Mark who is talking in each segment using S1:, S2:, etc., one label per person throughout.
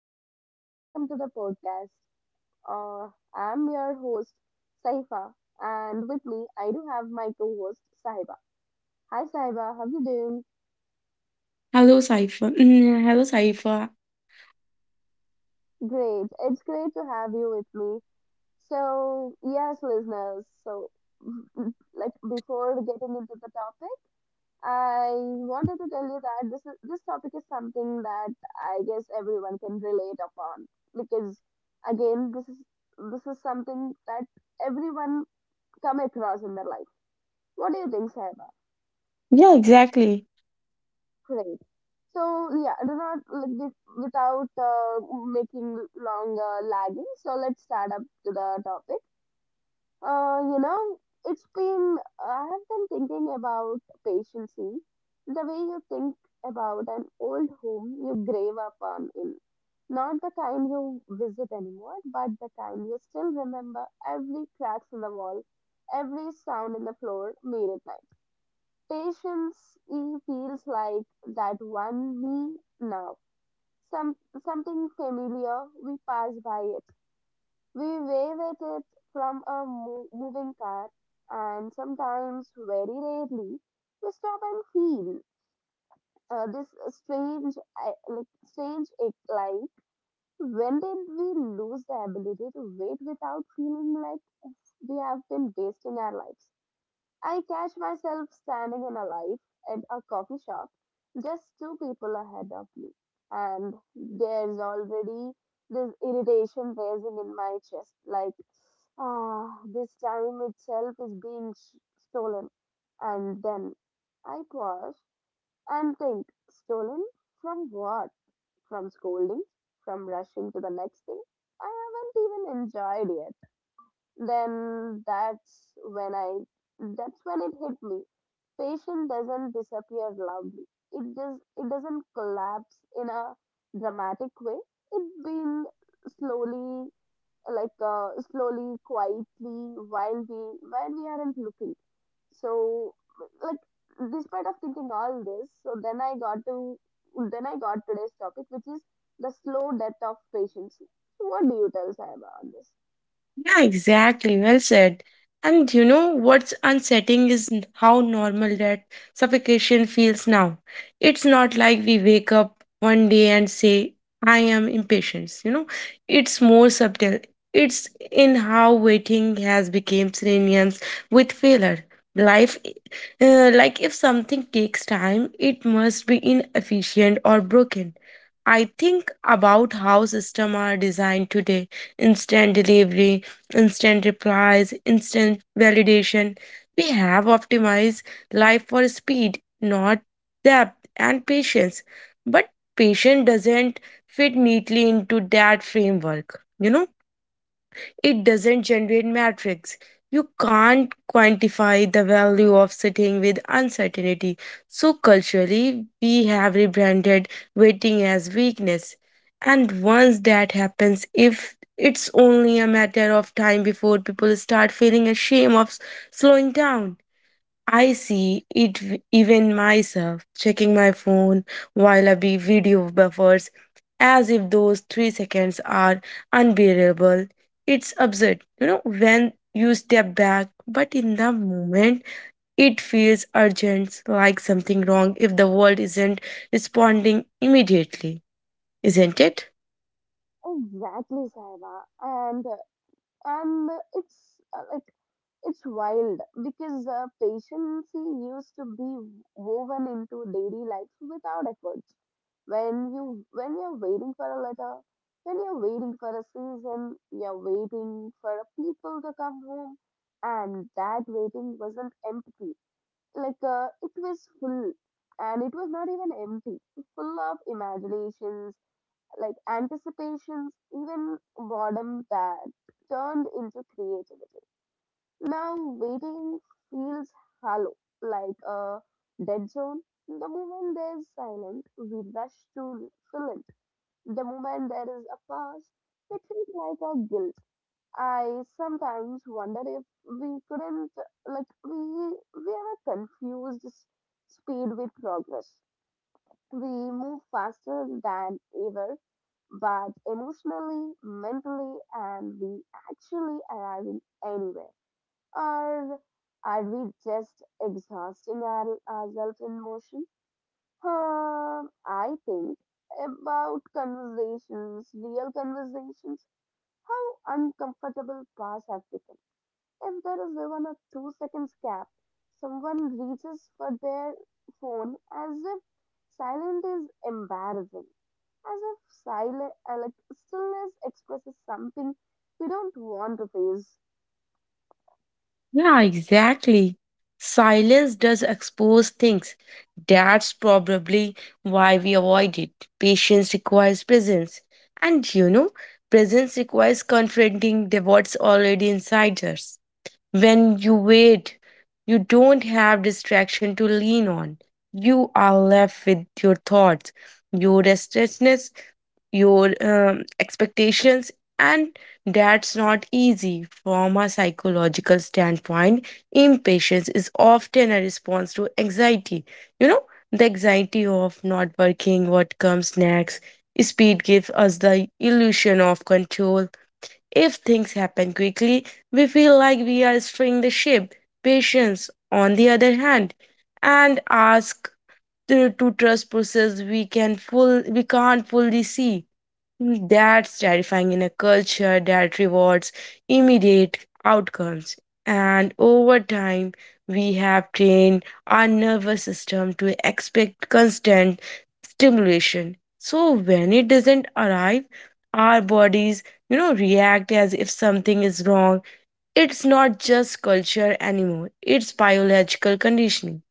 S1: everyone. Welcome to the podcast. I'm your host, Saifa, and with me I do have my co-host, Sahiba. Hi Sahiba, how you doing?
S2: Hello, Saifa. Hello, Saifa.
S1: Great. It's great to have you with me. So, yes, listeners, so like before getting into the topic, I wanted to tell you that this topic is something that I guess everyone can relate upon because again this is something that everyone come across in their life. What do you think, Saiba?
S2: Yeah, exactly.
S1: Great. So yeah, do not like, without making longer lagging. So let's start up to the topic. Uh, you know, it's been, I have been thinking about patience. The way you think about an old home you grave upon in. Not the kind you visit anymore, but the kind you still remember every cracks in the wall, every sound in the floor made at night. Patience e feels like that one me now. Some something familiar we pass by we wave at it from a moving car, and sometimes, very rarely, we stop and feel this strange ache. Like, when did we lose the ability to wait without feeling like we have been wasting our lives? I catch myself standing in a life at a coffee shop, just two people ahead of me, and there's already this irritation rising in my chest, like ah, this time itself is being stolen. And then I pause and think stolen from what? From scoldings? From rushing to the next thing? I haven't even enjoyed yet. Then that's when I that's when it hit me. Patience doesn't disappear loudly. It just it doesn't collapse in a dramatic way. It being slowly slowly, quietly, while we aren't looking. So like despite of thinking all this, so then I got today's topic, which is the slow death of patience. So what do you tell Saiba on this?
S2: Yeah, exactly. Well said. And you know what's unsettling is how normal that suffocation feels now. It's not like we wake up one day and say, I am impatient. You know, it's more subtle. It's in how waiting has become synonyms with failure. Life, like if something takes time, it must be inefficient or broken. I think about how systems are designed today, instant delivery, instant replies, instant validation. We have optimized life for speed, not depth and patience. But patience doesn't fit neatly into that framework, you know? It doesn't generate metrics. You can't quantify the value of sitting with uncertainty. So, culturally, we have rebranded waiting as weakness. And once that happens, if it's only a matter of time before people start feeling ashamed of slowing down. I see it even myself checking my phone while I be video buffers as if those 3 seconds are unbearable. It's absurd, you know, when you step back, but in the moment, it feels urgent, like something wrong if the world isn't responding immediately, isn't it?
S1: Exactly, Saiba. And it's like it's wild because patience used to be woven into daily life without effort. When you're waiting for a letter, when you're waiting for a season, you're waiting for people to come home, and that waiting wasn't empty. Like it was full, and it was not even empty. Full of imaginations like anticipations, even boredom that turned into creativity. Now waiting feels hollow, like a dead zone. The moment there's silence, we rush to fill it. The moment there is a pause, it feels like a guilt. I sometimes wonder if we couldn't like we we ever confused speed with progress. We move faster than ever but emotionally, mentally, and we actually arriving anywhere? Or are we just exhausting ourselves in motion? I think about conversations, real conversations, how uncomfortable past have become. If there is even a 2 seconds gap, someone reaches for their phone as if silence is embarrassing, as if silent, like stillness expresses something we don't want to face.
S2: Yeah, exactly. Silence does expose things. That's probably why we avoid it. Patience requires presence. And you know, presence requires confronting the what's already inside us. When you wait, you don't have distraction to lean on. You are left with your thoughts, your restlessness, your expectations, and that's not easy. From a psychological standpoint, impatience is often a response to anxiety, you know, the anxiety of not working what comes next. Speed gives us the illusion of control. If things happen quickly, we feel like we are steering the ship. Patience, on the other hand, and ask to trust process we can full we can't fully see. That's terrifying in a culture that rewards immediate outcomes. And over time, we have trained our nervous system to expect constant stimulation. So when it doesn't arrive, our bodies, you know, react as if something is wrong. It's not just culture anymore, it's biological conditioning,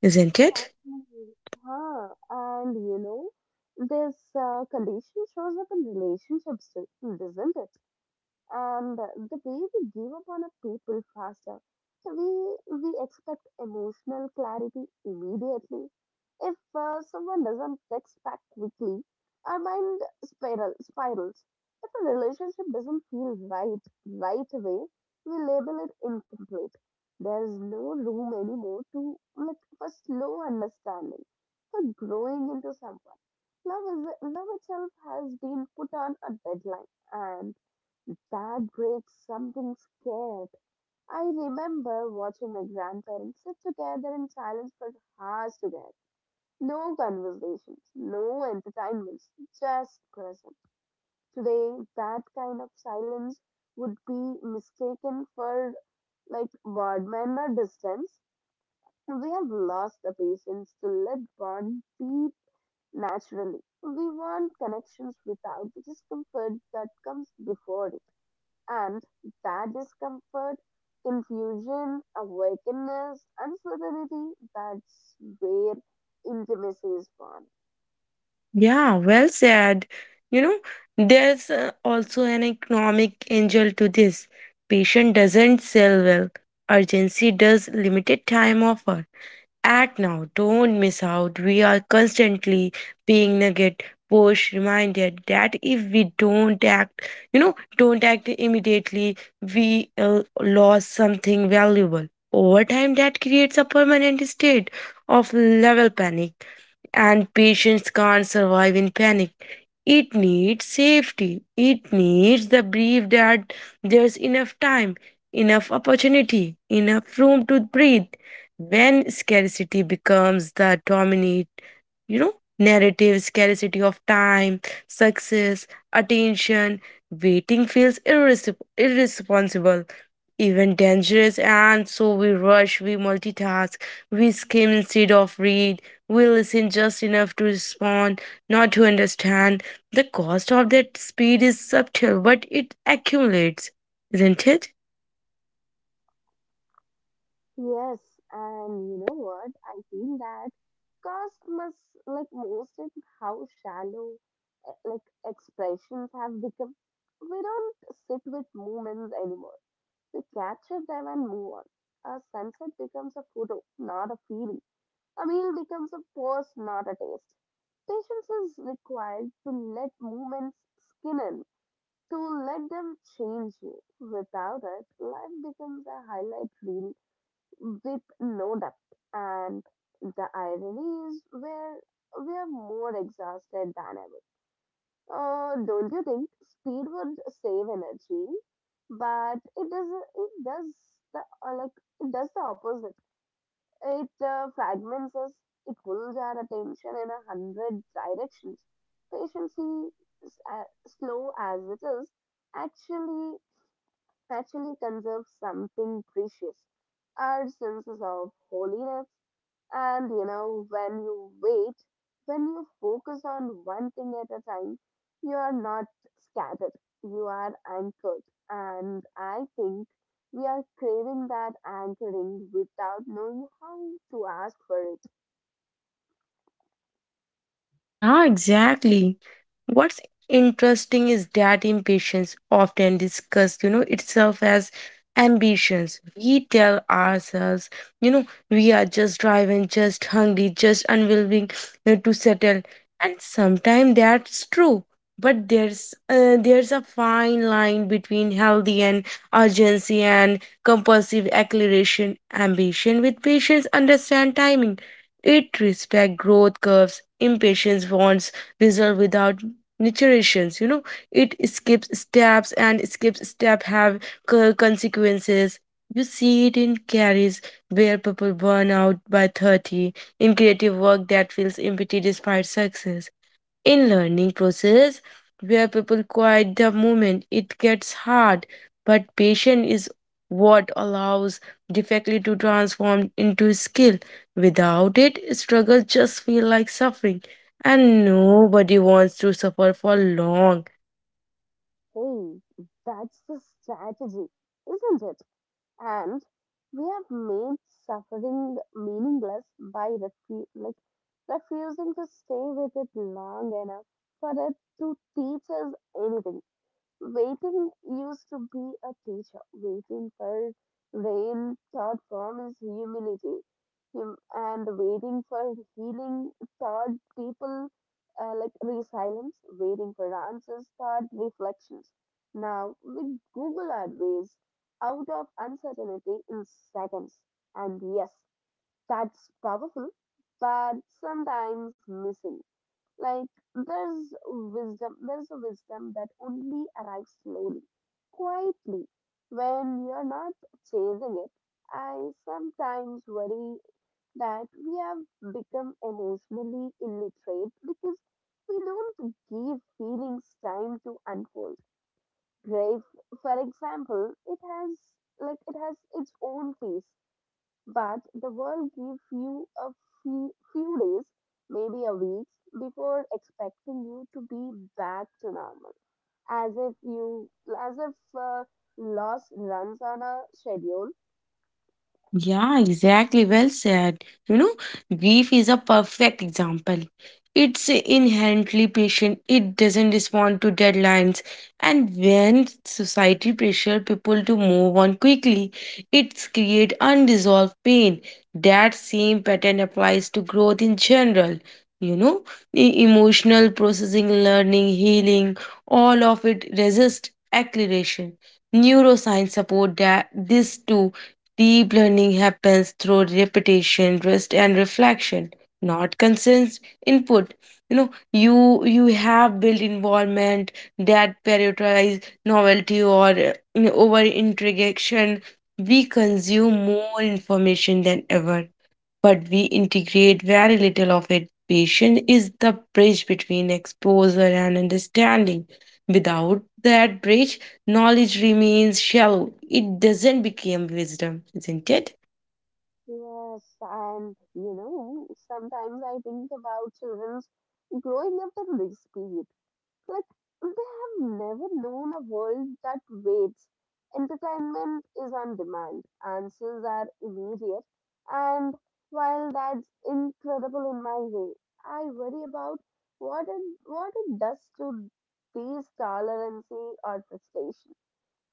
S2: isn't it?
S1: Exactly. Huh. And you know, this condition shows up in relationships too, doesn't it? And the way we give up on a people faster. So we expect emotional clarity immediately. If someone doesn't text back quickly, our mind spirals. If a relationship doesn't feel right right away, we label it incomplete. There is no room anymore to like for slow understanding, for growing into someone. Love itself has been put on a deadline and. That breeds something scared. I remember watching my grandparents sit together in silence for hours together. No conversations, no entertainments, just present. Today, that kind of silence would be mistaken for like boredom or distance. We have lost the patience to let bond deep naturally. We want connections without the discomfort that comes before it. And that discomfort, confusion, awakenness, uncertainty, that's where intimacy is born.
S2: Yeah, well said. You know, there's also an economic angle to this. Patient doesn't sell well. Urgency does limited time offer. Act now, don't miss out. We are constantly being nugget push reminded that if we don't act, you know, don't act immediately, we lost something valuable. Over time, that creates a permanent state of level panic, and patients can't survive in panic. It needs safety. It needs the belief that there's enough time, enough opportunity, enough room to breathe. When scarcity becomes the dominant, you know, narratives, scarcity of time, success, attention, waiting feels irresponsible, even dangerous, and so we rush, we multitask, we skim instead of read, we listen just enough to respond, not to understand. The cost of that speed is subtle, but it accumulates, isn't it?
S1: Yes, and you know what? I feel that cost must like most in how shallow like expressions have become. We don't sit with moments anymore. We capture them and move on. A sunset becomes a photo, not a feeling. A meal becomes a pose, not a taste. Patience is required to let movements skin in, to let them change you. Without it, life becomes a highlight reel with no depth. And the irony is where we are more exhausted than ever. Don't you think speed would save energy? But it does the like it does the opposite. It fragments us, it pulls our attention in a hundred directions. Patience, is slow as it is, actually actually conserve something precious our senses of holiness. And you know, when you wait, when you focus on one thing at a time, you are not scattered, you are anchored. And I think we are craving that anchoring without knowing how to ask for it.
S2: Yeah, exactly. What's interesting is that impatience often discussed, you know, itself as ambitions. We tell ourselves, you know, we are just driving, just hungry, just unwilling to settle. And sometimes that's true. But there's a fine line between healthy and urgency and compulsive acceleration. Ambition with patience understand timing, it respects growth curves. Impatience wants result without niturations. You know, it skips steps, and skips step have consequences. You see it in carries where people burn out by 30, in creative work that feels empty despite success, in learning process where people quiet the moment it gets hard. But patience is what allows defectly to transform into skill. Without it, struggle just feel like suffering, and nobody wants to suffer for long.
S1: Hey, that's the strategy, isn't it? And we have made suffering meaningless by refusing to stay with it long enough for it to teach us anything. Waiting used to be a teacher. Waiting for rain taught promise, humility. Him and waiting for healing taught people like resilience. Waiting for answers taught reflections. Now, with Google our ways out of uncertainty in seconds. And yes, that's powerful, but sometimes missing. Like there's a wisdom that only arrives slowly, quietly, when you're not chasing it. I sometimes worry that we have become emotionally illiterate because we don't give feelings time to unfold. Grief, for example, it has its own pace but the world gives you a few days, maybe a week, before expecting you to be back to normal. As if you, as if uh, loss runs on a schedule.
S2: Yeah, exactly. Well said. You know, grief is a perfect example. It's inherently patient, it doesn't respond to deadlines. And when society pressure people to move on quickly, it's create unresolved pain. That same pattern applies to growth in general. You know, emotional processing, learning, healing, all of it resist acceleration. Neuroscience support that this too. Deep learning happens through repetition, rest, and reflection, not consent input. You know, you have built involvement that prioritize novelty, or over integration. We consume more information than ever, but we integrate very little of it. Patience is the bridge between exposure and understanding. Without that bridge, knowledge remains shallow. It doesn't become wisdom, isn't it?
S1: Yes, and you know, sometimes I think about children's growing up in this period. Like, they have never known a world that waits. Entertainment is on demand, answers are immediate, and while that's incredible in my way, I worry about what it does to these tolerancy or frustration.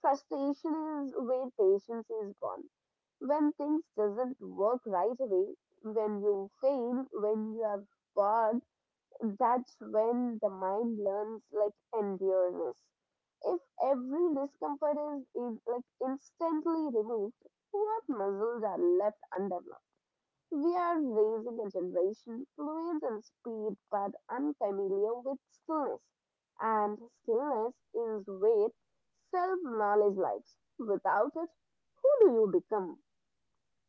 S1: Frustration is where patience is gone. When things doesn't work right away, when you fail, when you have bored, that's when the mind learns like endureness. If every discomfort is like instantly removed, what muscles are left undeveloped? We are raising a generation fluent in speed but unfamiliar with stillness. And stillness is where self knowledge lies. Without it, who do you become?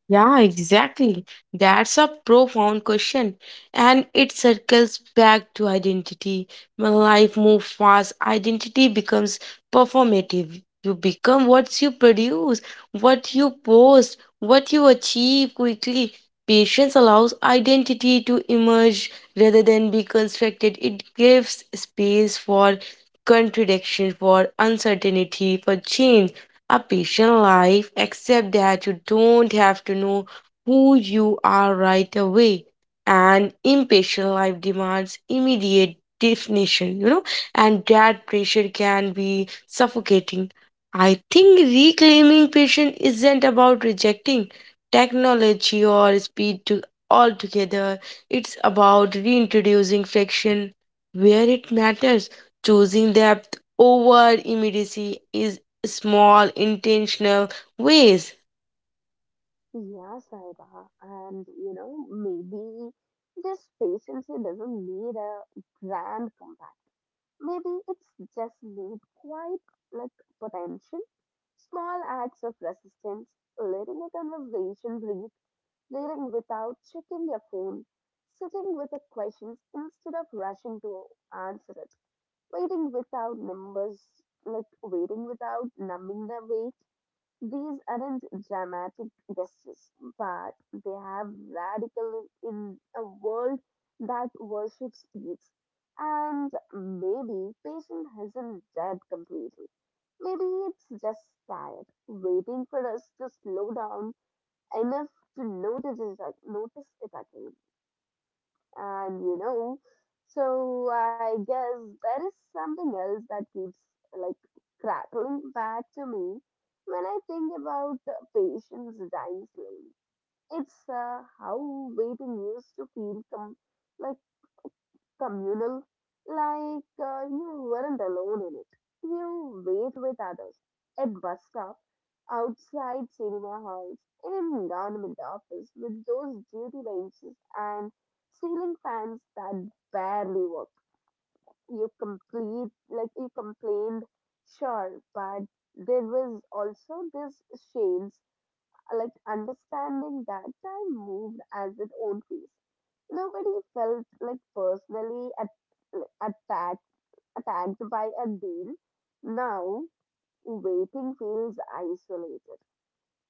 S2: Yeah, exactly. That's a profound question. And it circles back to identity. When life moves fast, identity becomes performative. You become what you produce, what you post, what you achieve quickly. Patience allows identity to emerge rather than be constructed. It gives space for contradiction, for uncertainty, for change. A patient life, except that you don't have to know who you are right away. An impatient life demands immediate definition, you know, and that pressure can be suffocating. I think reclaiming patience isn't about rejecting technology or speed to altogether. It's about reintroducing friction where it matters. Choosing depth over immediacy is small intentional ways.
S1: Yeah, Saira. And you know, maybe this patience doesn't need a grand comeback. Maybe it's just need quite like potential, small acts of resistance, letting a conversation breathe, reading without checking your phone, sitting with the questions instead of rushing to answer it, waiting without numbers, like waiting without numbing the weight. These aren't dramatic gestures, but they have radical in a world that worships speed. And maybe patient isn't dead completely. Maybe it's just tired, waiting for us to slow down enough to notice it again. And you know, so I guess there is something else that keeps like crackling back to me when I think about patients dying slowly. It's how waiting used to feel like communal, like you weren't alone in it. You wait with others at bus stop, outside cinema halls, in government office with those duty benches and ceiling fans that barely work. You complete like you complained, sure, but there was also this shame like understanding that time moved as its own pace. Nobody felt like personally attacked by a deal. Now waiting feels isolated.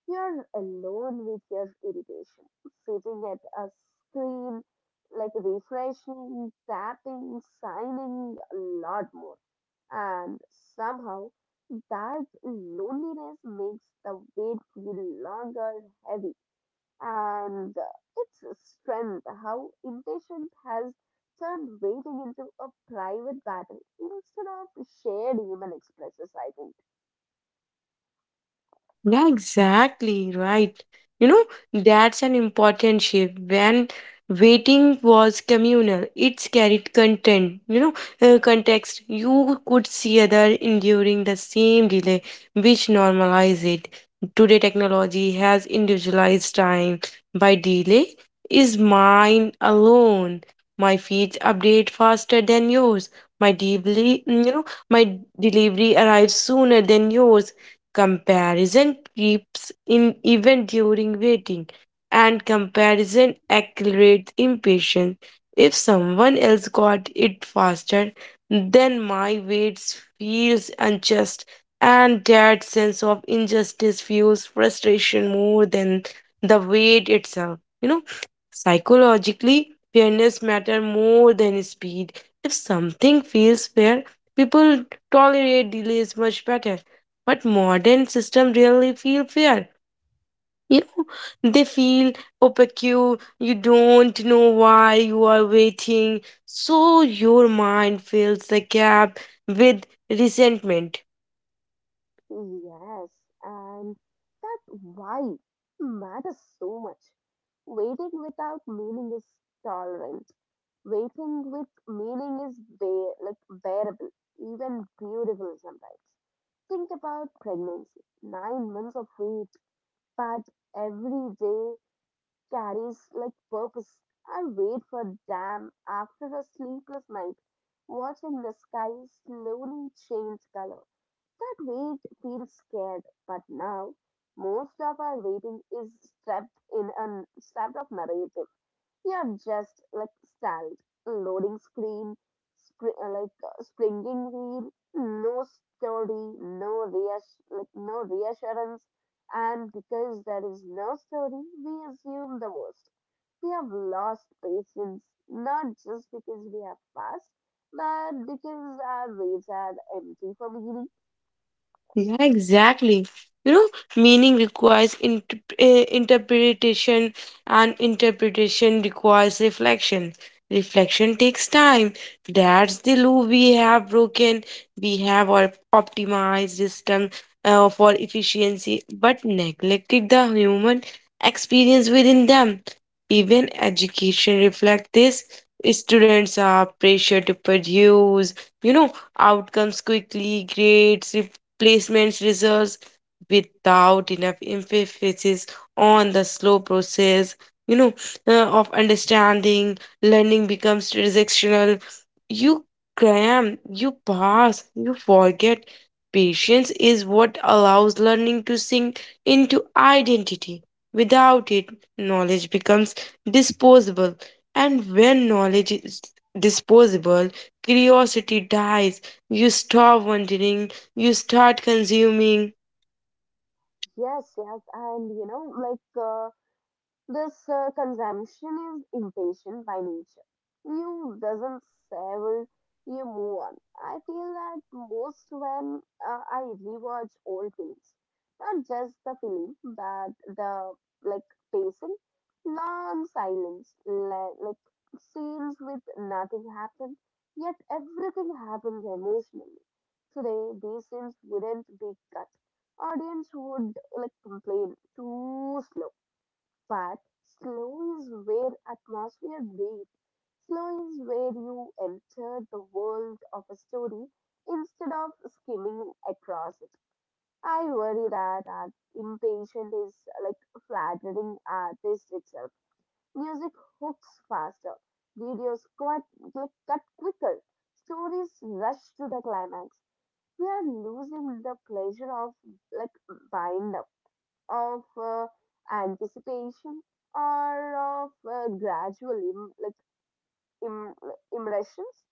S1: You're alone with your irritation, sitting at a screen, like refreshing, tapping, signing a lot more. And somehow that loneliness makes the wait feel longer, heavy and its strength, how impatience has turned waiting into a private battle instead of shared human expresses, I think.
S2: Yeah, exactly right. You know, that's an important shift. When waiting was communal, it's carried content, you know, context. You could see other enduring the same delay, which normalize it. Today, technology has individualized time, by delay is mine alone. My feeds update faster than yours. My delivery, you know, my delivery arrives sooner than yours. Comparison creeps in even during waiting, and comparison accelerates impatience. If someone else got it faster, then my wait feels unjust, and that sense of injustice fuels frustration more than the wait itself. You know, psychologically, fairness matters more than speed. If something feels fair, people tolerate delays much better. But modern system really feel fair. You know, they feel opaque. You don't know why you are waiting. So your mind fills the gap with resentment.
S1: Yes, and that why matters so much. Waiting without meaning is tolerant. Waiting with meaning is bearable, even beautiful sometimes. Think about pregnancy, 9 months of wait, but every day carries like purpose. I wait for them after a sleepless night, watching the sky slowly change color. That wait feels scared, but now most of our waiting is strapped in a strapped of narrative. You're just like stalled, loading screen, spring, like springing wheel, no story, no reassurance, and because there is no story, we assume the worst. We have lost patience, not just because we have fast, but because our waves are empty for meaning.
S2: Yeah, exactly. You know, meaning requires interpretation, and interpretation requires reflection. Reflection takes time. That's the loop we have broken. We have our optimized system for efficiency, but neglected the human experience within them. Even education reflects this. Students are pressured to produce, you know, outcomes quickly, grades, placements, results, without enough emphasis on the slow process, you know, of understanding. Learning becomes transactional. You cram, you pass, you forget. Patience is what allows learning to sink into identity. Without it, knowledge becomes disposable, and when knowledge is disposable, curiosity dies. You stop wondering, you start consuming.
S1: Yes, and you know, like. This consumption is impatient by nature. You doesn't savor, you move on. I feel that most when I rewatch old films, not just the film, but the like pacing, long silence, like scenes with nothing happens, yet everything happens emotionally. Today, these scenes wouldn't be cut. Audience would like complain too slow but slow is where atmosphere breathes. Slow is where you enter the world of a story instead of skimming across it. I worry that our impatient is like flattering artist itself. Music hooks faster, videos cut, get cut quicker, stories rush to the climax. We are losing the pleasure of like wind up of anticipation or of gradual Im- impressions.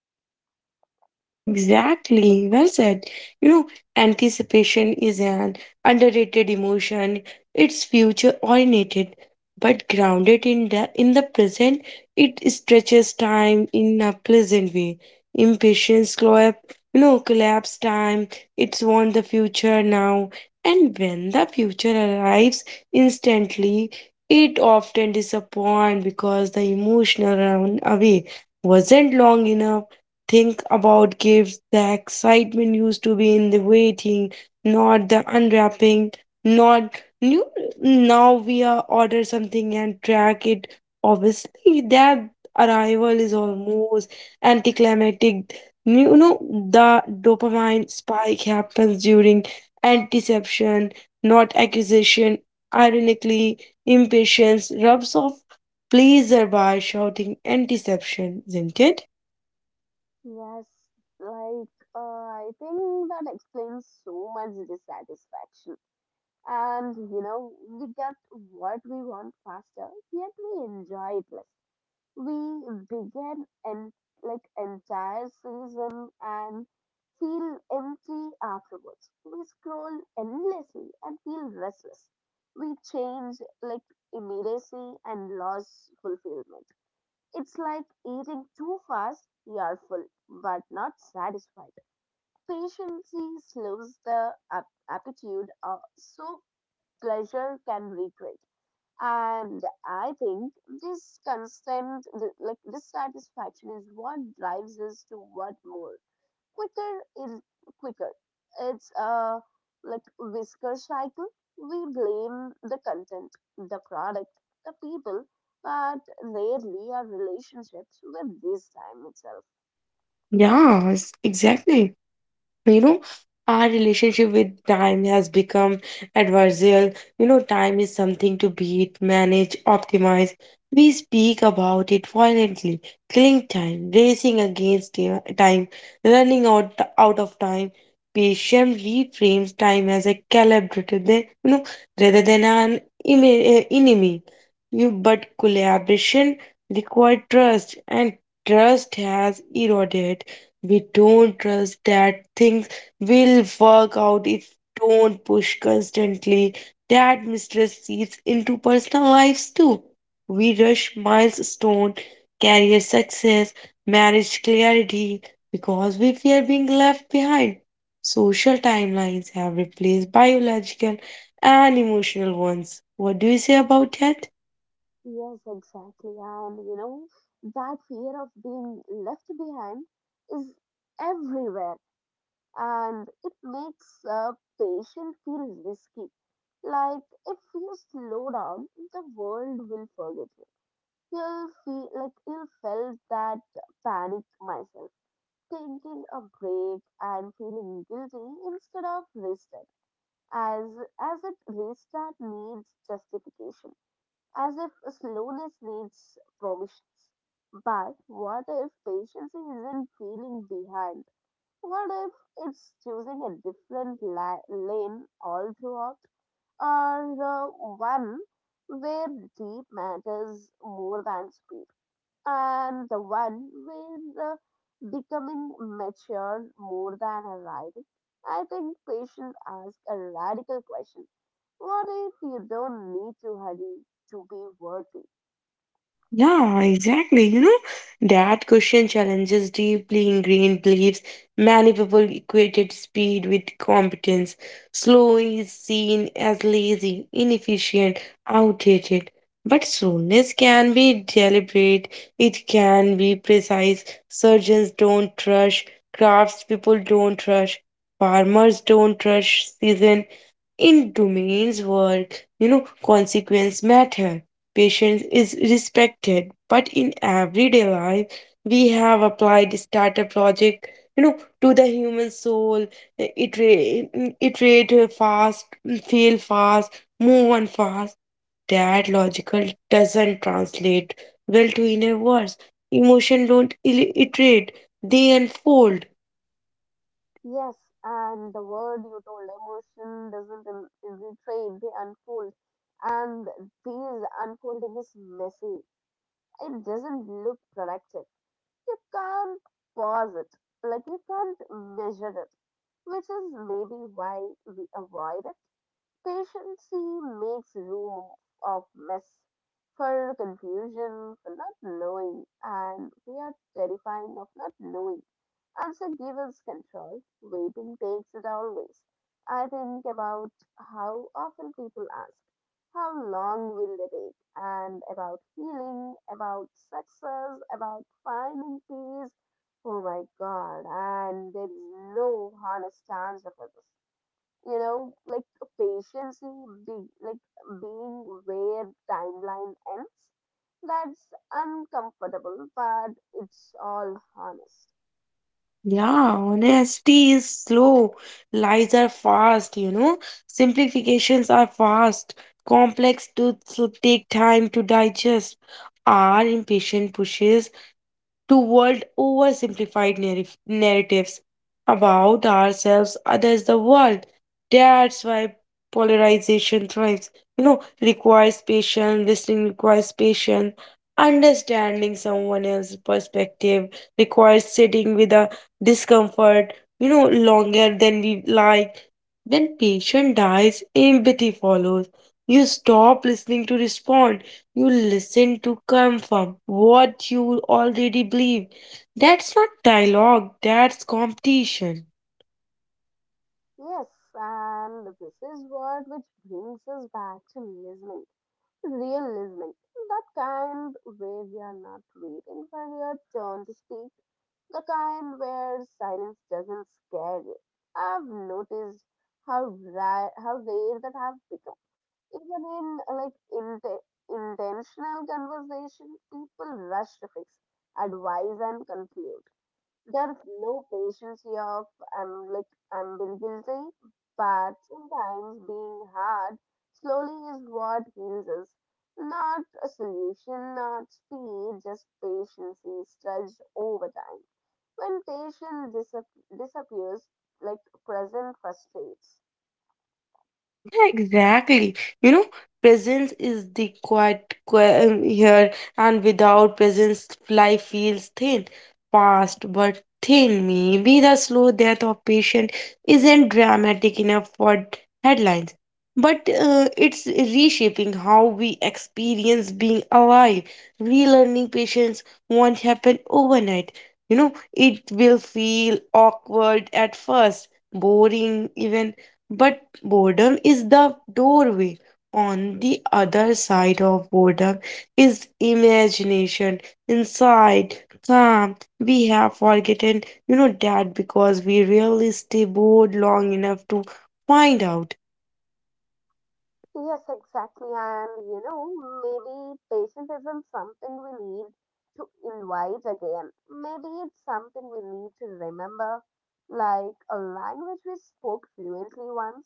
S2: Yeah, exactly. Well said. You know, anticipation is an underrated emotion. It's future oriented, but grounded in the present, it stretches time in a pleasant way. Impatience collapse, you know, collapse time. It's want the future now. And when the future arrives instantly, it often disappoints because the emotional run away wasn't long enough. Think about gifts. The excitement used to be in the waiting, not the unwrapping, not new. Now we are order something and track it. Obviously, that arrival is almost anticlimactic. You know, the dopamine spike happens during antiception, not acquisition. Ironically, impatience rubs off pleasure by shouting antiception, isn't it?
S1: Yes, I think that explains so much dissatisfaction. And you know, we get what we want faster yet we enjoy it less. We begin an entire season and feel empty afterwards. We scroll endlessly and feel restless. We change like immediacy and lose fulfillment. It's like eating too fast, we are full but not satisfied. Patience slows the appetite so pleasure can recreate. And I think this constant this satisfaction is what drives us to want more quicker is quicker. It's a whisker cycle. We blame the content, the product, the people, but rarely our relationships with this time itself.
S2: Yes, exactly. You know, our relationship with time has become adversarial. You know, time is something to beat, manage, optimize. We speak about it violently, killing time, racing against time, running out of time. Patient reframes time as a collaborator, than you know, rather than an enemy. You but collaboration require trust, and trust has eroded. We don't trust that things will work out if don't push constantly. That mistress seeps into personal lives too. We rush milestone, career success, marriage clarity, because we fear being left behind. Social timelines have replaced biological and emotional ones. What do you say about that?
S1: Yes, exactly. And you know, that fear of being left behind is everywhere, and it makes a patient feel risky. Like if you slow down, the world will forget you. You'll feel like you felt that panic myself, taking a break and feeling guilty instead of rested, as as if restart needs justification, as if slowness needs provisions. But what if patience isn't feeling behind? What if it's choosing a different lane all throughout, or the one where deep matters more than speed, and the one where becoming mature more than arriving? I think patients ask a radical question. What if you don't need to hurry to be worthy?
S2: Yeah, exactly. You know, that question challenges deeply ingrained beliefs. Many people equated speed with competence. Slow is seen as lazy, inefficient, outdated. But slowness can be deliberate, it can be precise. Surgeons don't rush, craftspeople don't rush, farmers don't rush season. In domains work, you know, consequence matter, patience is respected. But in everyday life, we have applied startup project, you know, to the human soul. Iterate, iterate fast, mm, fail fast, move on fast. That logical doesn't translate well to inner words. Emotion don't iterate; they unfold.
S1: Yes, and the word you told, emotion, doesn't infiltrate, they unfold. And these unfolding is messy. It doesn't look productive. You can't pause it. Like you can't measure it, which is maybe why we avoid it. Patience makes room of mess, for confusion, for not knowing, and we are terrified of not knowing. Answer gives us control. Waiting takes it always. I think about how often people ask, how long will they take? And about healing, about success, about finding peace. Oh my god, and there is no honest answer for this you know, like Patience, be, like being where timeline ends. That's uncomfortable, but it's all honest.
S2: Yeah, honesty is slow, lies are fast, you know, simplifications are fast, complex truths will take time to digest. Our impatient pushes to world oversimplified narratives about ourselves, others, the world. That's why polarization thrives. You know, requires patience, listening requires patience, understanding someone else's perspective requires sitting with a discomfort, you know, longer than we like. When patience dies, empathy follows. You stop listening to respond, you listen to confirm what you already believe. That's not dialogue, that's competition.
S1: Yes, and this is what which brings us back to listening, real listening, that kind where we are not waiting for your turn to speak, the kind where silence doesn't scare you. I've noticed how rare that have become. Even in intentional conversation, people rush to fix, advise, and conclude. There's no patience here of I'm being guilty, but sometimes being hard slowly is what heals us. Not a solution, not speed, just patience is stretched over time. When patience disappears, like present frustrates.
S2: Yeah, exactly. You know, presence is the quiet here, and without presence, life feels thin, fast but thin. Maybe the slow death of patient isn't dramatic enough for headlines, but it's reshaping how we experience being alive. Relearning patience won't happen overnight. You know, it will feel awkward at first, boring even, but boredom is the doorway. On the other side of boredom is imagination, insight, calm. We have forgotten, that because we rarely stay bored long enough to find out.
S1: Yes, exactly. And you know, maybe patience isn't something we need to invite again. Maybe it's something we need to remember, like a language we spoke fluently once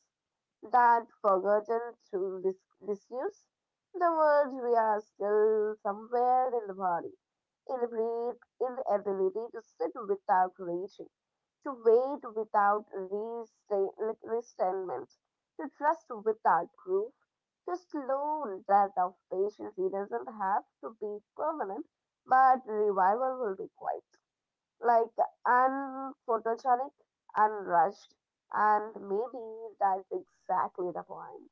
S1: that forgotten through disuse. The words we are still somewhere in the body, in the breath, in the ability to sit without reaching, to wait without restrainment, to trust without proof, to slow that of patience. It doesn't have to be permanent, but revival will be quiet, like unphotogenic, unrushed, and maybe that's exactly the point.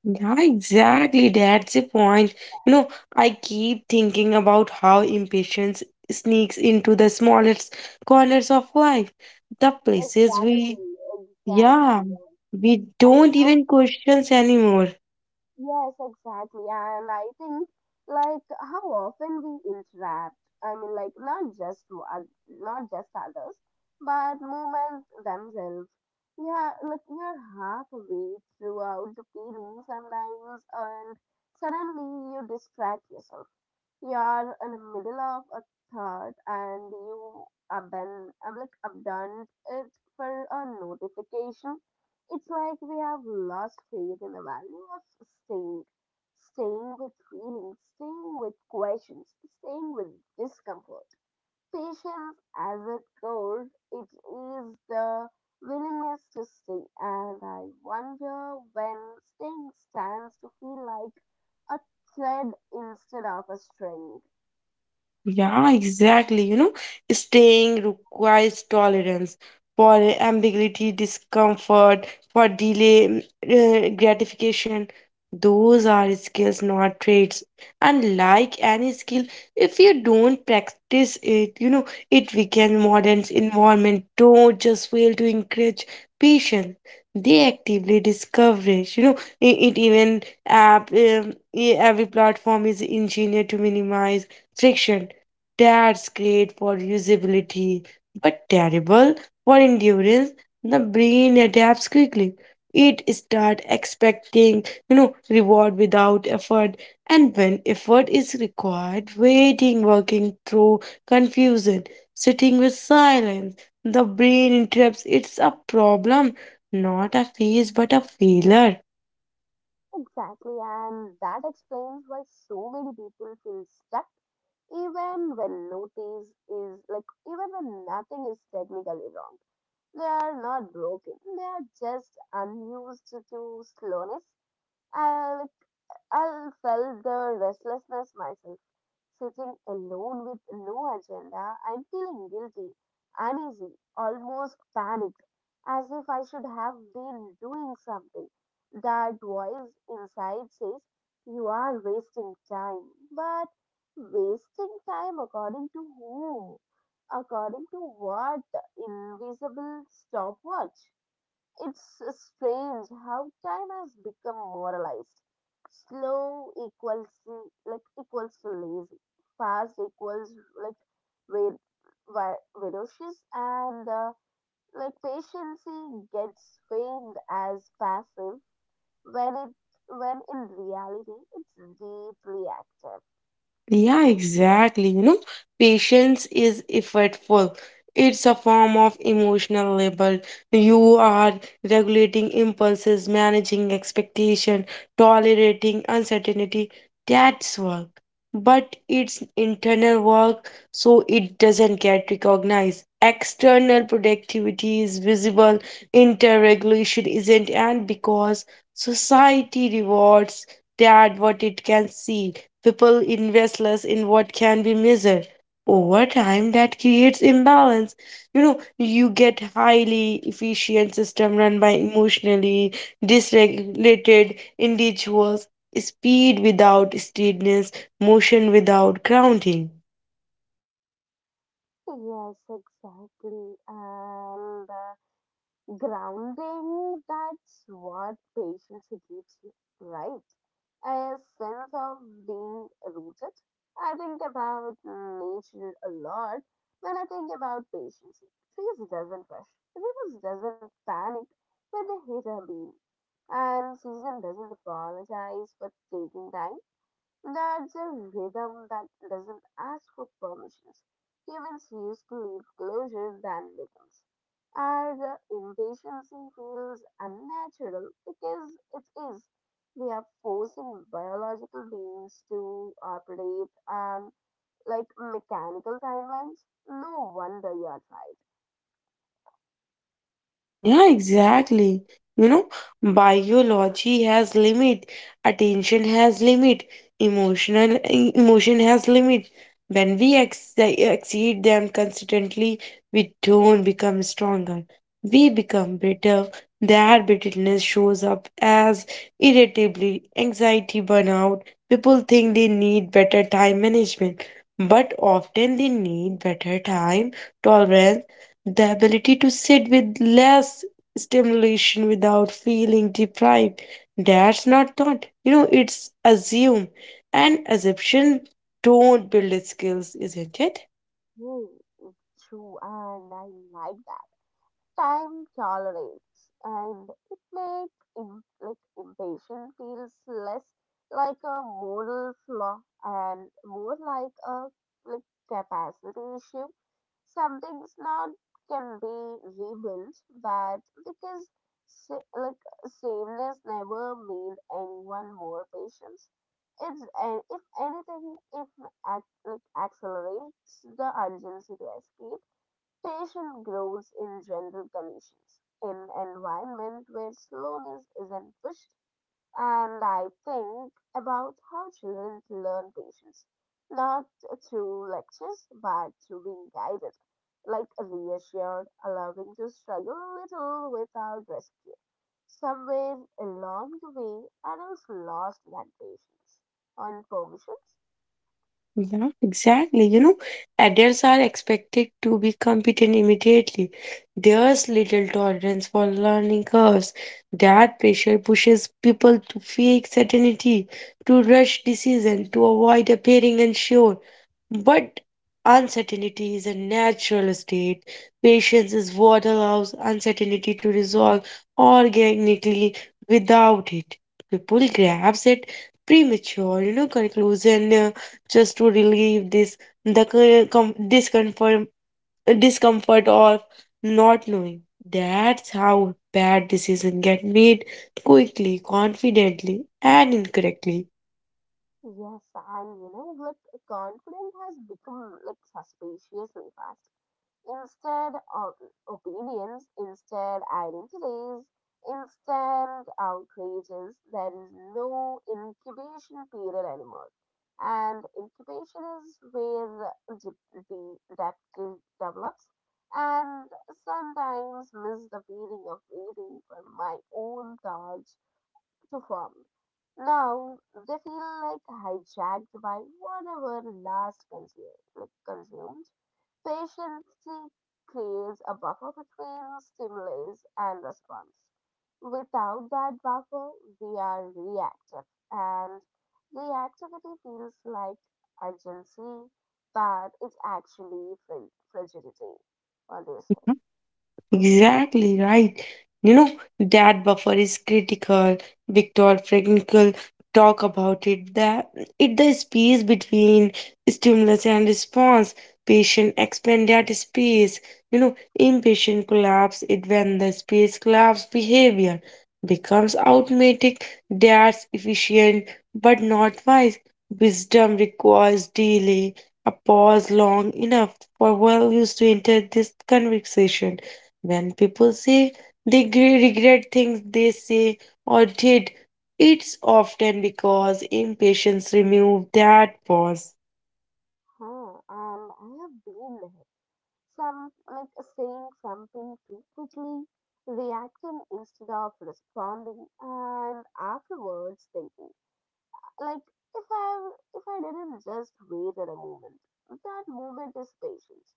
S2: Yeah, exactly. That's the point. You know, I keep thinking about how impatience sneaks into the smallest corners of life, the places we.
S1: Exactly,
S2: Yeah,
S1: exactly.
S2: we
S1: And you
S2: don't
S1: know,
S2: even questions anymore.
S1: yes, exactly. And I think, like, how often we interact. I mean, like, not just to not just others, but movements themselves. Yeah, like you're halfway throughout the feeling sometimes, and suddenly you distract yourself. You are in the middle of a thought and you have been I'm like abandoned it for a notification. It's like we have lost faith in the value of staying, staying with feelings, staying with questions, staying with discomfort. Patience as it goes, it is the willingness to stay, and I wonder when staying stands to feel like a thread instead of a string.
S2: Yeah, exactly. Staying requires tolerance for ambiguity, discomfort, for delay, gratification. Those are skills, not traits. And like any skill, if you don't practice it, it weakens modern environment. Don't just fail to encourage patience. They actively discourage. I- it even app e- every platform is engineered to minimize friction, that's great for usability, but terrible for endurance. The brain adapts quickly. It start expecting, reward without effort, and when effort is required, waiting, working through confusion, sitting with silence. The brain interrupts. It's a problem, not a phase, but a failure.
S1: Exactly, and that explains why so many people feel stuck even when notice is like even when nothing is technically wrong. They are not broken. They are just unused to slowness. Uh, like I felt the restlessness myself, sitting alone with no agenda and feeling guilty, uneasy, almost panicked, as if I should have been doing something. That voice inside says, "You are wasting time." But wasting time according to whom? According to what invisible stopwatch? It's strange how time has become moralized. Slow equals to lazy. Fast equals like ve- ferocious, and like patience gets framed as passive when it when in reality it's deeply active.
S2: Yeah, exactly. Patience is effortful. It's a form of emotional labor. You are regulating impulses, managing expectation, tolerating uncertainty. That's work. But it's internal work, so it doesn't get recognized. External productivity is visible, interregulation isn't, and because society rewards that what it can see. People invest less in what can be measured. Over time, that creates imbalance. You get highly efficient system run by emotionally dysregulated individuals, speed without steadiness, motion without grounding.
S1: Yes, exactly. And grounding, that's what patience gives you, right? A sense of being rooted. I think about nature a lot when I think about patience. Trees doesn't rush, rivers doesn't panic when they hit a beam, and season doesn't apologize for taking time. That's a rhythm that doesn't ask for permissions. Humans used to leave closer than rhythms. Our impatience feels unnatural because it is. We are forcing biological beings to operate on like mechanical timelines. No wonder you are tired.
S2: Yeah, exactly. You know, biology has limit, attention has limit, emotion has limit. When we exceed them consistently, we don't become stronger. We become bitter. That bitterness shows up as irritability, anxiety, burnout. People think they need better time management, but often they need better time tolerance, the ability to sit with less stimulation without feeling deprived. That's not thought. It's assume. And assumption don't build skills, isn't it?
S1: Hmm, true, and I like that. Time tolerates and it makes impatience feels less like a moral flaw and more like a capacity issue. Some things not can be rebuilt, but because sa- like sameness never made anyone more patient. It's and if anything it accelerates the urgency to escape. Passion grows in general conditions, in environment where slowness isn't pushed. And I think about how children learn patience, not through lectures, but through being guided, like reassured, allowing to struggle a little without rescue. Somewhere along the way, adults lost that patience on permissions.
S2: Yeah, exactly. Adults are expected to be competent immediately. There's little tolerance for learning curves. That pressure pushes people to fake certainty, to rush decision, to avoid appearing unsure. But uncertainty is a natural state. Patience is what allows uncertainty to resolve organically without it. People grabs at premature, conclusion, just to relieve this discomfort, discomfort of not knowing. That's how bad decisions get made quickly, confidently, and incorrectly.
S1: Yes, and you know, like confidence has become like suspiciously fast. Instead of opinions, instead identities, instead outrages, there is no incubation period anymore. And incubation is where the depth develops. And sometimes miss the feeling of waiting for my own thoughts to form. Now they feel like hijacked by whatever last consume, like consumed. Patience creates a buffer between stimulus and response. Without that buffer, we are reactive, and reactivity feels like urgency, but it's actually fragility. What do you say?
S2: Exactly right. You know, that buffer is critical. Viktor Frankl talk about it, that it the space between stimulus and response. Patient expand that space. Impatient collapse it, when the space collapse behavior becomes automatic. That's efficient but not wise. Wisdom requires delay, a pause long enough for values to enter this conversation. When people say they regret things they say or did, it's often because impatience removed that pause.
S1: Huh, and I have been there. Some like Saying something too quickly, reacting instead of responding, and afterwards thinking like if I didn't just wait at a moment, that moment is patience.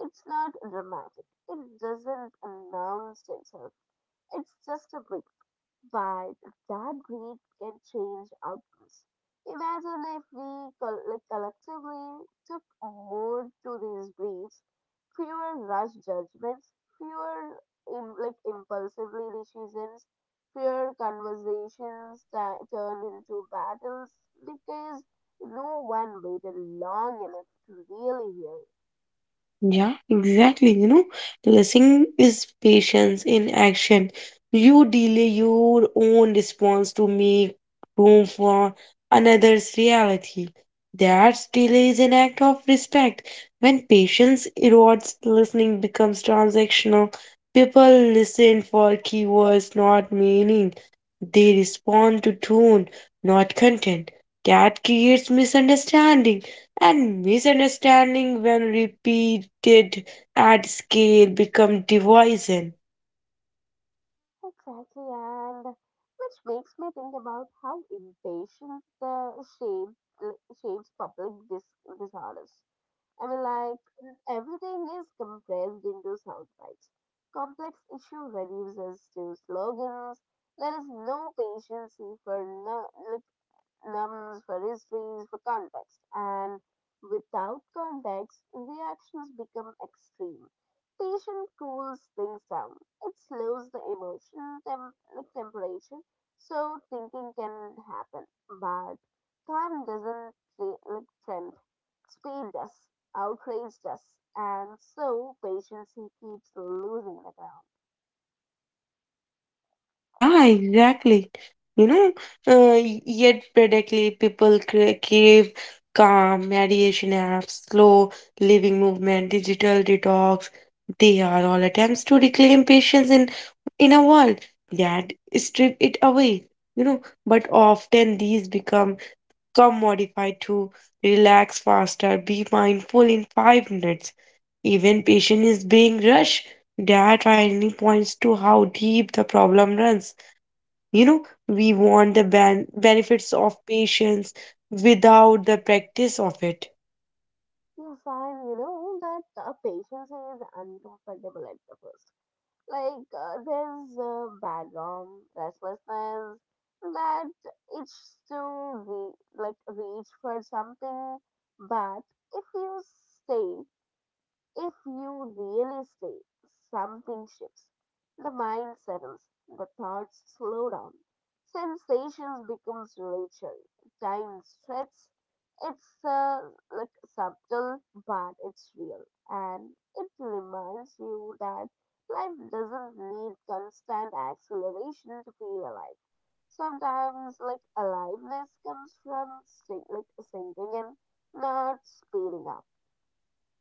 S1: It's not dramatic. It doesn't announce itself. It's just a breath. But that greed can change outcomes. Imagine if we collectively took more to these greeds, fewer rash judgments, fewer impulsively decisions, fewer conversations that turn into battles because no one waited long enough to really hear.
S2: Yeah, exactly. Listening is patience in action. You delay your own response to make room for another's reality. That delay is an act of respect. When patience erodes, listening becomes transactional. People listen for keywords, not meaning. They respond to tone, not content. That creates misunderstanding, and misunderstanding, when repeated at scale, become division.
S1: Exactly, and which makes me think about how impatience shape, shapes public disorders. I mean, like, everything is compressed into sound bites. Complex issue reduces to slogans. There is no patience for no, like, numbers, for histories, for context. And without context, reactions become extreme. Tension cools things down, it slows the emotion, temperature, so thinking can happen. But time doesn't trend, speed does, outrage does, and so patience keeps losing the ground.
S2: Yeah, exactly. You know, yet predictably, people crave calm, meditation apps, slow living movement, digital detox. They are all attempts to reclaim patience in a world that strip it away. But often these become come modified to relax faster, be mindful in 5 minutes. Even patient is being rushed. That finally points to how deep the problem runs. We want the benefits of patience without the practice of it.
S1: Yes, I know that the patience is uncomfortable at the first. There's a background restlessness that it's to re- like reach for something, but if you stay, if you really stay, something shifts. The mind settles, the thoughts slow down, sensations becomes richer, time stretches. It's like subtle, but it's real, and it reminds you that life doesn't need constant acceleration to feel alive. Sometimes, like aliveness comes from sinking in, not speeding up.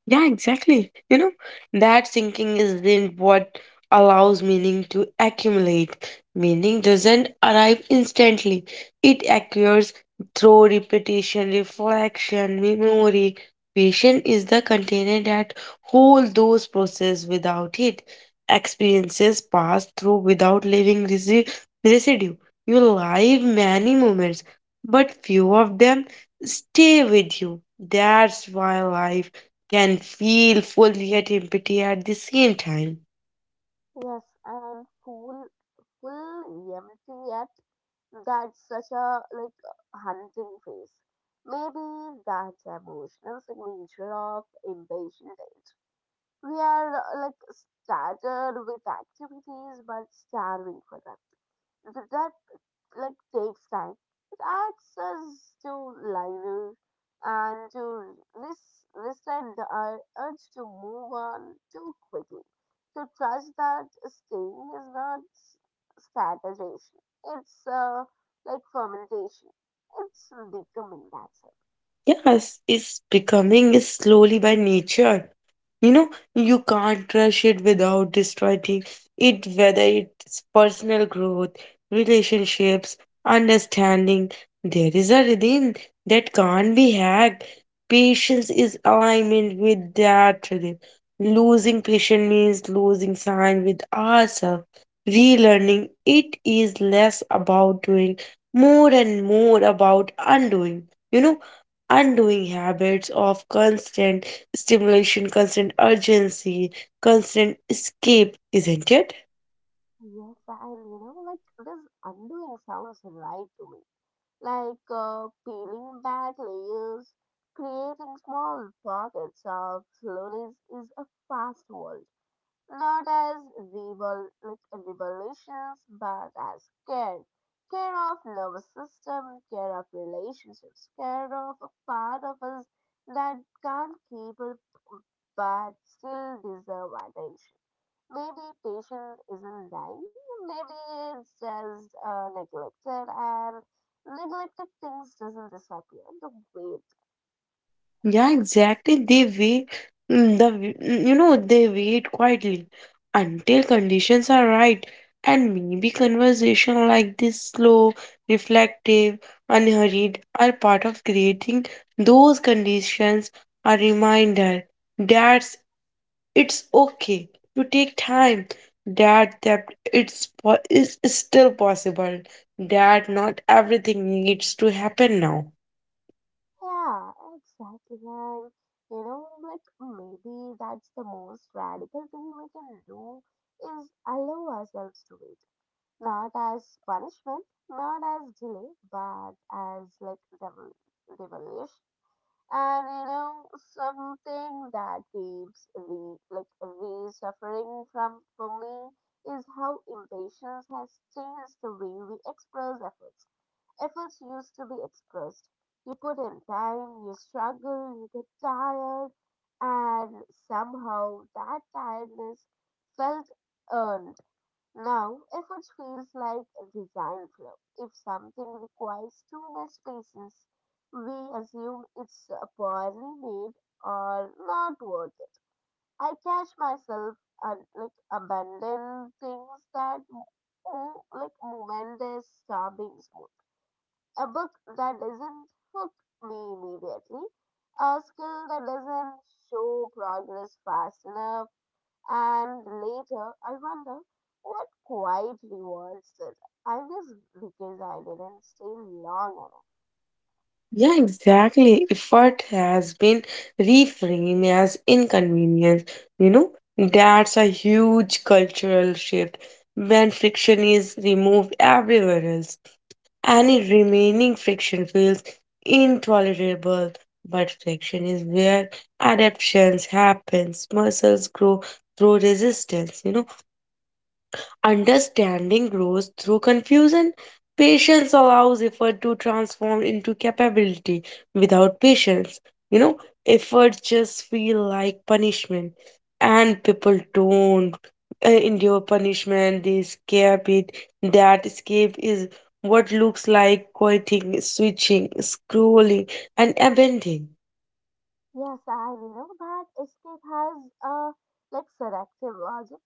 S2: Yeah, exactly. That thinking isn't what allows meaning to accumulate. Meaning doesn't arrive instantly, it occurs through repetition, reflection, memory. Patience is the container that hold those processes without it. Experiences pass through without leaving residue. You live many moments, but few of them stay with you. That's why life can feel fully at empty at the same time.
S1: Yes, and full reality, yet that's such a like hunting phase. Maybe that's the emotional signature of impatient age. We are started with activities but starving for them. That takes time. It asks us to live and to resent our urge to move on too quickly. To trust that staying is not strategization. It's fermentation. It's becoming, that's it.
S2: Yes, it's becoming slowly by nature. You know, you can't rush it without destroying it, whether it's personal growth, relationships, understanding. There is a rhythm that can't be hacked. Patience is alignment with that rhythm. Losing patience means losing sign with ourselves. Relearning it is less about doing, more and more about undoing. You know, undoing habits of constant stimulation, constant urgency, constant escape, isn't it?
S1: Yes, and you know, like this undoing sounds right to me. Peeling back layers, creating small pockets of slowness is a fast world. Not as rebel, like revolutions, but as care. Care of nervous system, care of relationships, care of a part of us that can't keep it but still deserve attention. Maybe patient isn't dying, maybe it's just neglected, and neglected things doesn't disappear. The weight,
S2: Yeah, exactly. They wait, you know, they wait quietly until conditions are right, and maybe conversation like this, slow, reflective, unhurried, are part of creating those conditions. A reminder that it's okay to take time. That that it's po- is still possible. That not everything needs to happen now.
S1: yeah, exactly. And you know, like maybe that's the most radical thing we can do is allow ourselves to wait, not as punishment, not as delay, but as like revelation. And you know, something that keeps re like re suffering from bullying is how impatience has changed the way we express efforts. Efforts used to be expressed. You put in time, you struggle, you get tired, and somehow that tiredness felt earned. Now, effort feels like a design flaw. If something requires too much patience, we assume it's poorly made or not worth it. I catch myself abandoning things that moment is starving smooth. A book that doesn't hook me immediately, a skill that doesn't show progress fast enough, and later, I wonder what quiet reward said, I guess because I didn't stay long enough.
S2: Yeah, exactly. Effort has been reframed as inconvenience. You know, that's a huge cultural shift. When friction is removed everywhere else, any remaining friction feels intolerable, but friction is where adaptations happens. Muscles grow through resistance, Understanding grows through confusion. Patience allows effort to transform into capability. Without patience, you know, effort just feel like punishment. And people don't endure punishment, they escape it. That escape is what looks like quitting, switching, scrolling, and abandoning.
S1: Yes, I know that escape has a selective logic.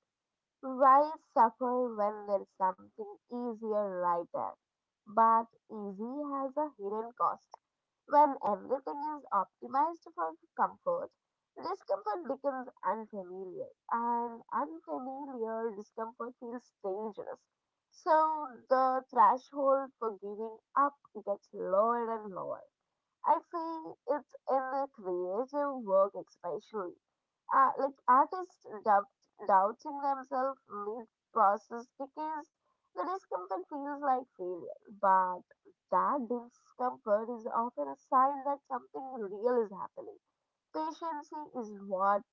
S1: Why suffer when there's something easier right there? But easy has a hidden cost. When everything is optimized for comfort, discomfort becomes unfamiliar, and unfamiliar discomfort feels dangerous. So the threshold for giving up gets lower and lower. I think it's in the creative work especially. Artists doubting themselves mid process because the discomfort feels like failure. But that discomfort is often a sign that something real is happening. Patience is what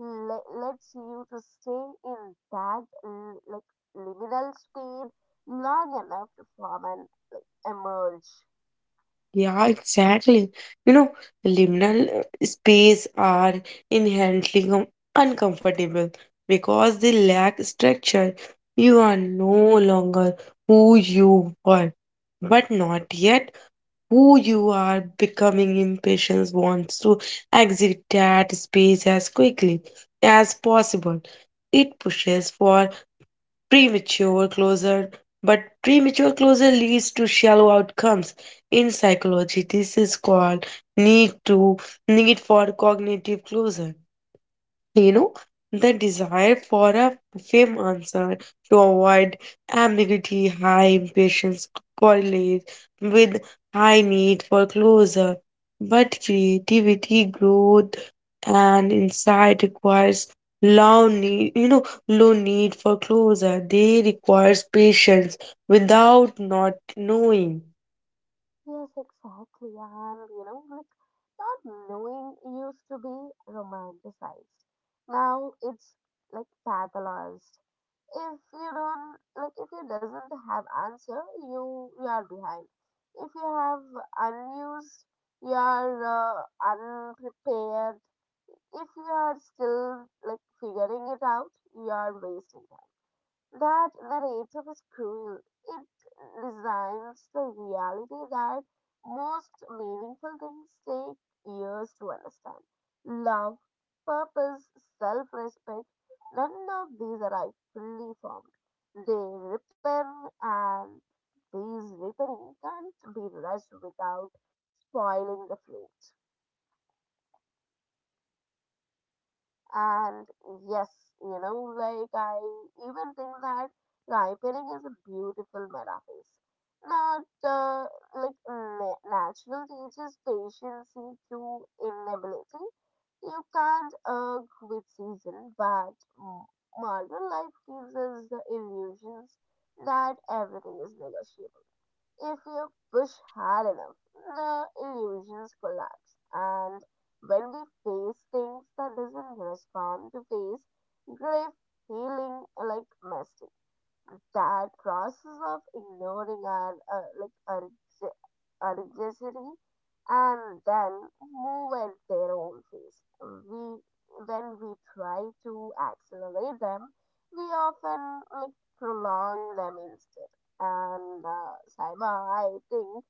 S1: lets you to stay in that liminal speed long enough to form and, like, emerge.
S2: Yeah, exactly. You know, liminal space are inherently uncomfortable because they lack structure. You are no longer who you were, but not yet who you are becoming. Impatience wants to exit that space as quickly as possible. It pushes for premature closure, but premature closure leads to shallow outcomes. In psychology, this is called need to need for cognitive closure. You know, the desire for a fame answer to avoid ambiguity, high impatience correlates with high need for closure. But creativity, growth, and insight requires low need for closure. They requires patience without not knowing.
S1: Yes, exactly. And you know, like not knowing used to be romanticized. Now it's like pathologized. If you doesn't have answer, you are behind. If you have unused, you are unprepared. If you are still like figuring it out, you are wasting time. That narrative is cruel. It designs the reality that most meaningful things take years to understand. Love, purpose, self respect, none of these arrive fully formed. They repair, and these repairing can't be rushed without spoiling the flow. And yes, you know, like I even think that ripening is a beautiful metaphor. Not natural teaches patience through inability. You can't argue with season, but modern life gives us the illusions that everything is negotiable. If you push hard enough, the illusions collapse. And when we face things that doesn't respond to face, grief, healing, like mess, that process of ignoring our our our anxiety and then move at their own pace. We when we try to accelerate them, we often like prolong them instead. And Saima, I think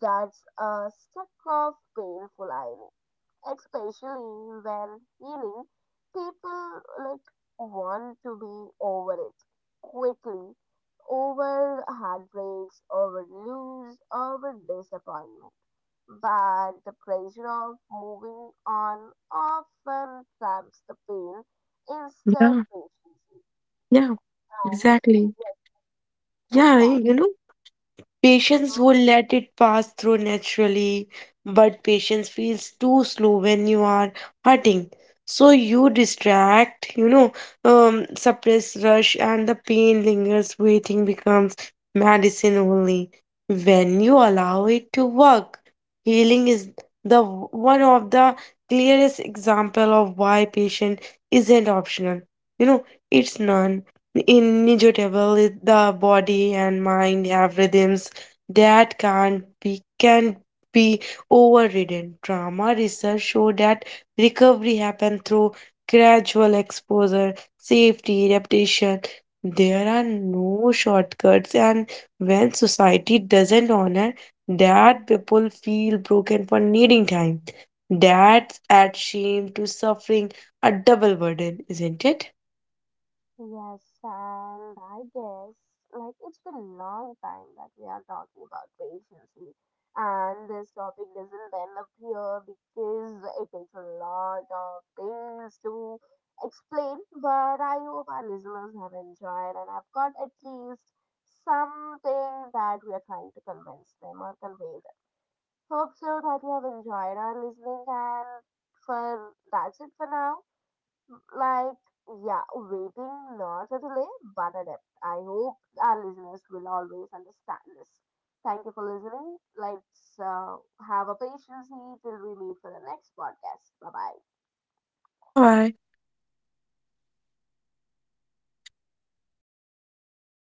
S1: that's a stack of painful irony, especially when healing, people like want to be over it quickly, over heartbreaks, over lose, over disappointment. But the pressure of moving on often traps the pain instead
S2: Yeah,
S1: patience.
S2: yeah,
S1: And
S2: exactly.
S1: yes,
S2: Yeah,
S1: exactly.
S2: Patients would let it pass through naturally, but patience feels too slow when you are hurting. So you distract, suppress rush, and the pain lingers. Waiting becomes medicine only when you allow it to work. Healing is the one of the clearest example of why patient isn't optional. You know, it's none inevitable. The body and mind have rhythms that can be overridden. Trauma research show that recovery happens through gradual exposure, safety, repetition. There are no shortcuts, and when society doesn't honor that, people feel broken for needing time. That's add shame to suffering, a double burden, isn't it?
S1: Yes, and I guess like it's been a long time that we are talking about patience, and this topic doesn't end up here because it takes a lot of things to explain. But I hope our listeners have enjoyed and have got at least something that we are trying to convince them or convey them. Hope so that you have enjoyed our listening, and for that's it for now, like yeah, waiting not a delay but a depth. I hope our listeners will always understand this. Thank you for listening. Let's have a patience here till we meet for the next podcast. Bye bye.
S2: Bye bye.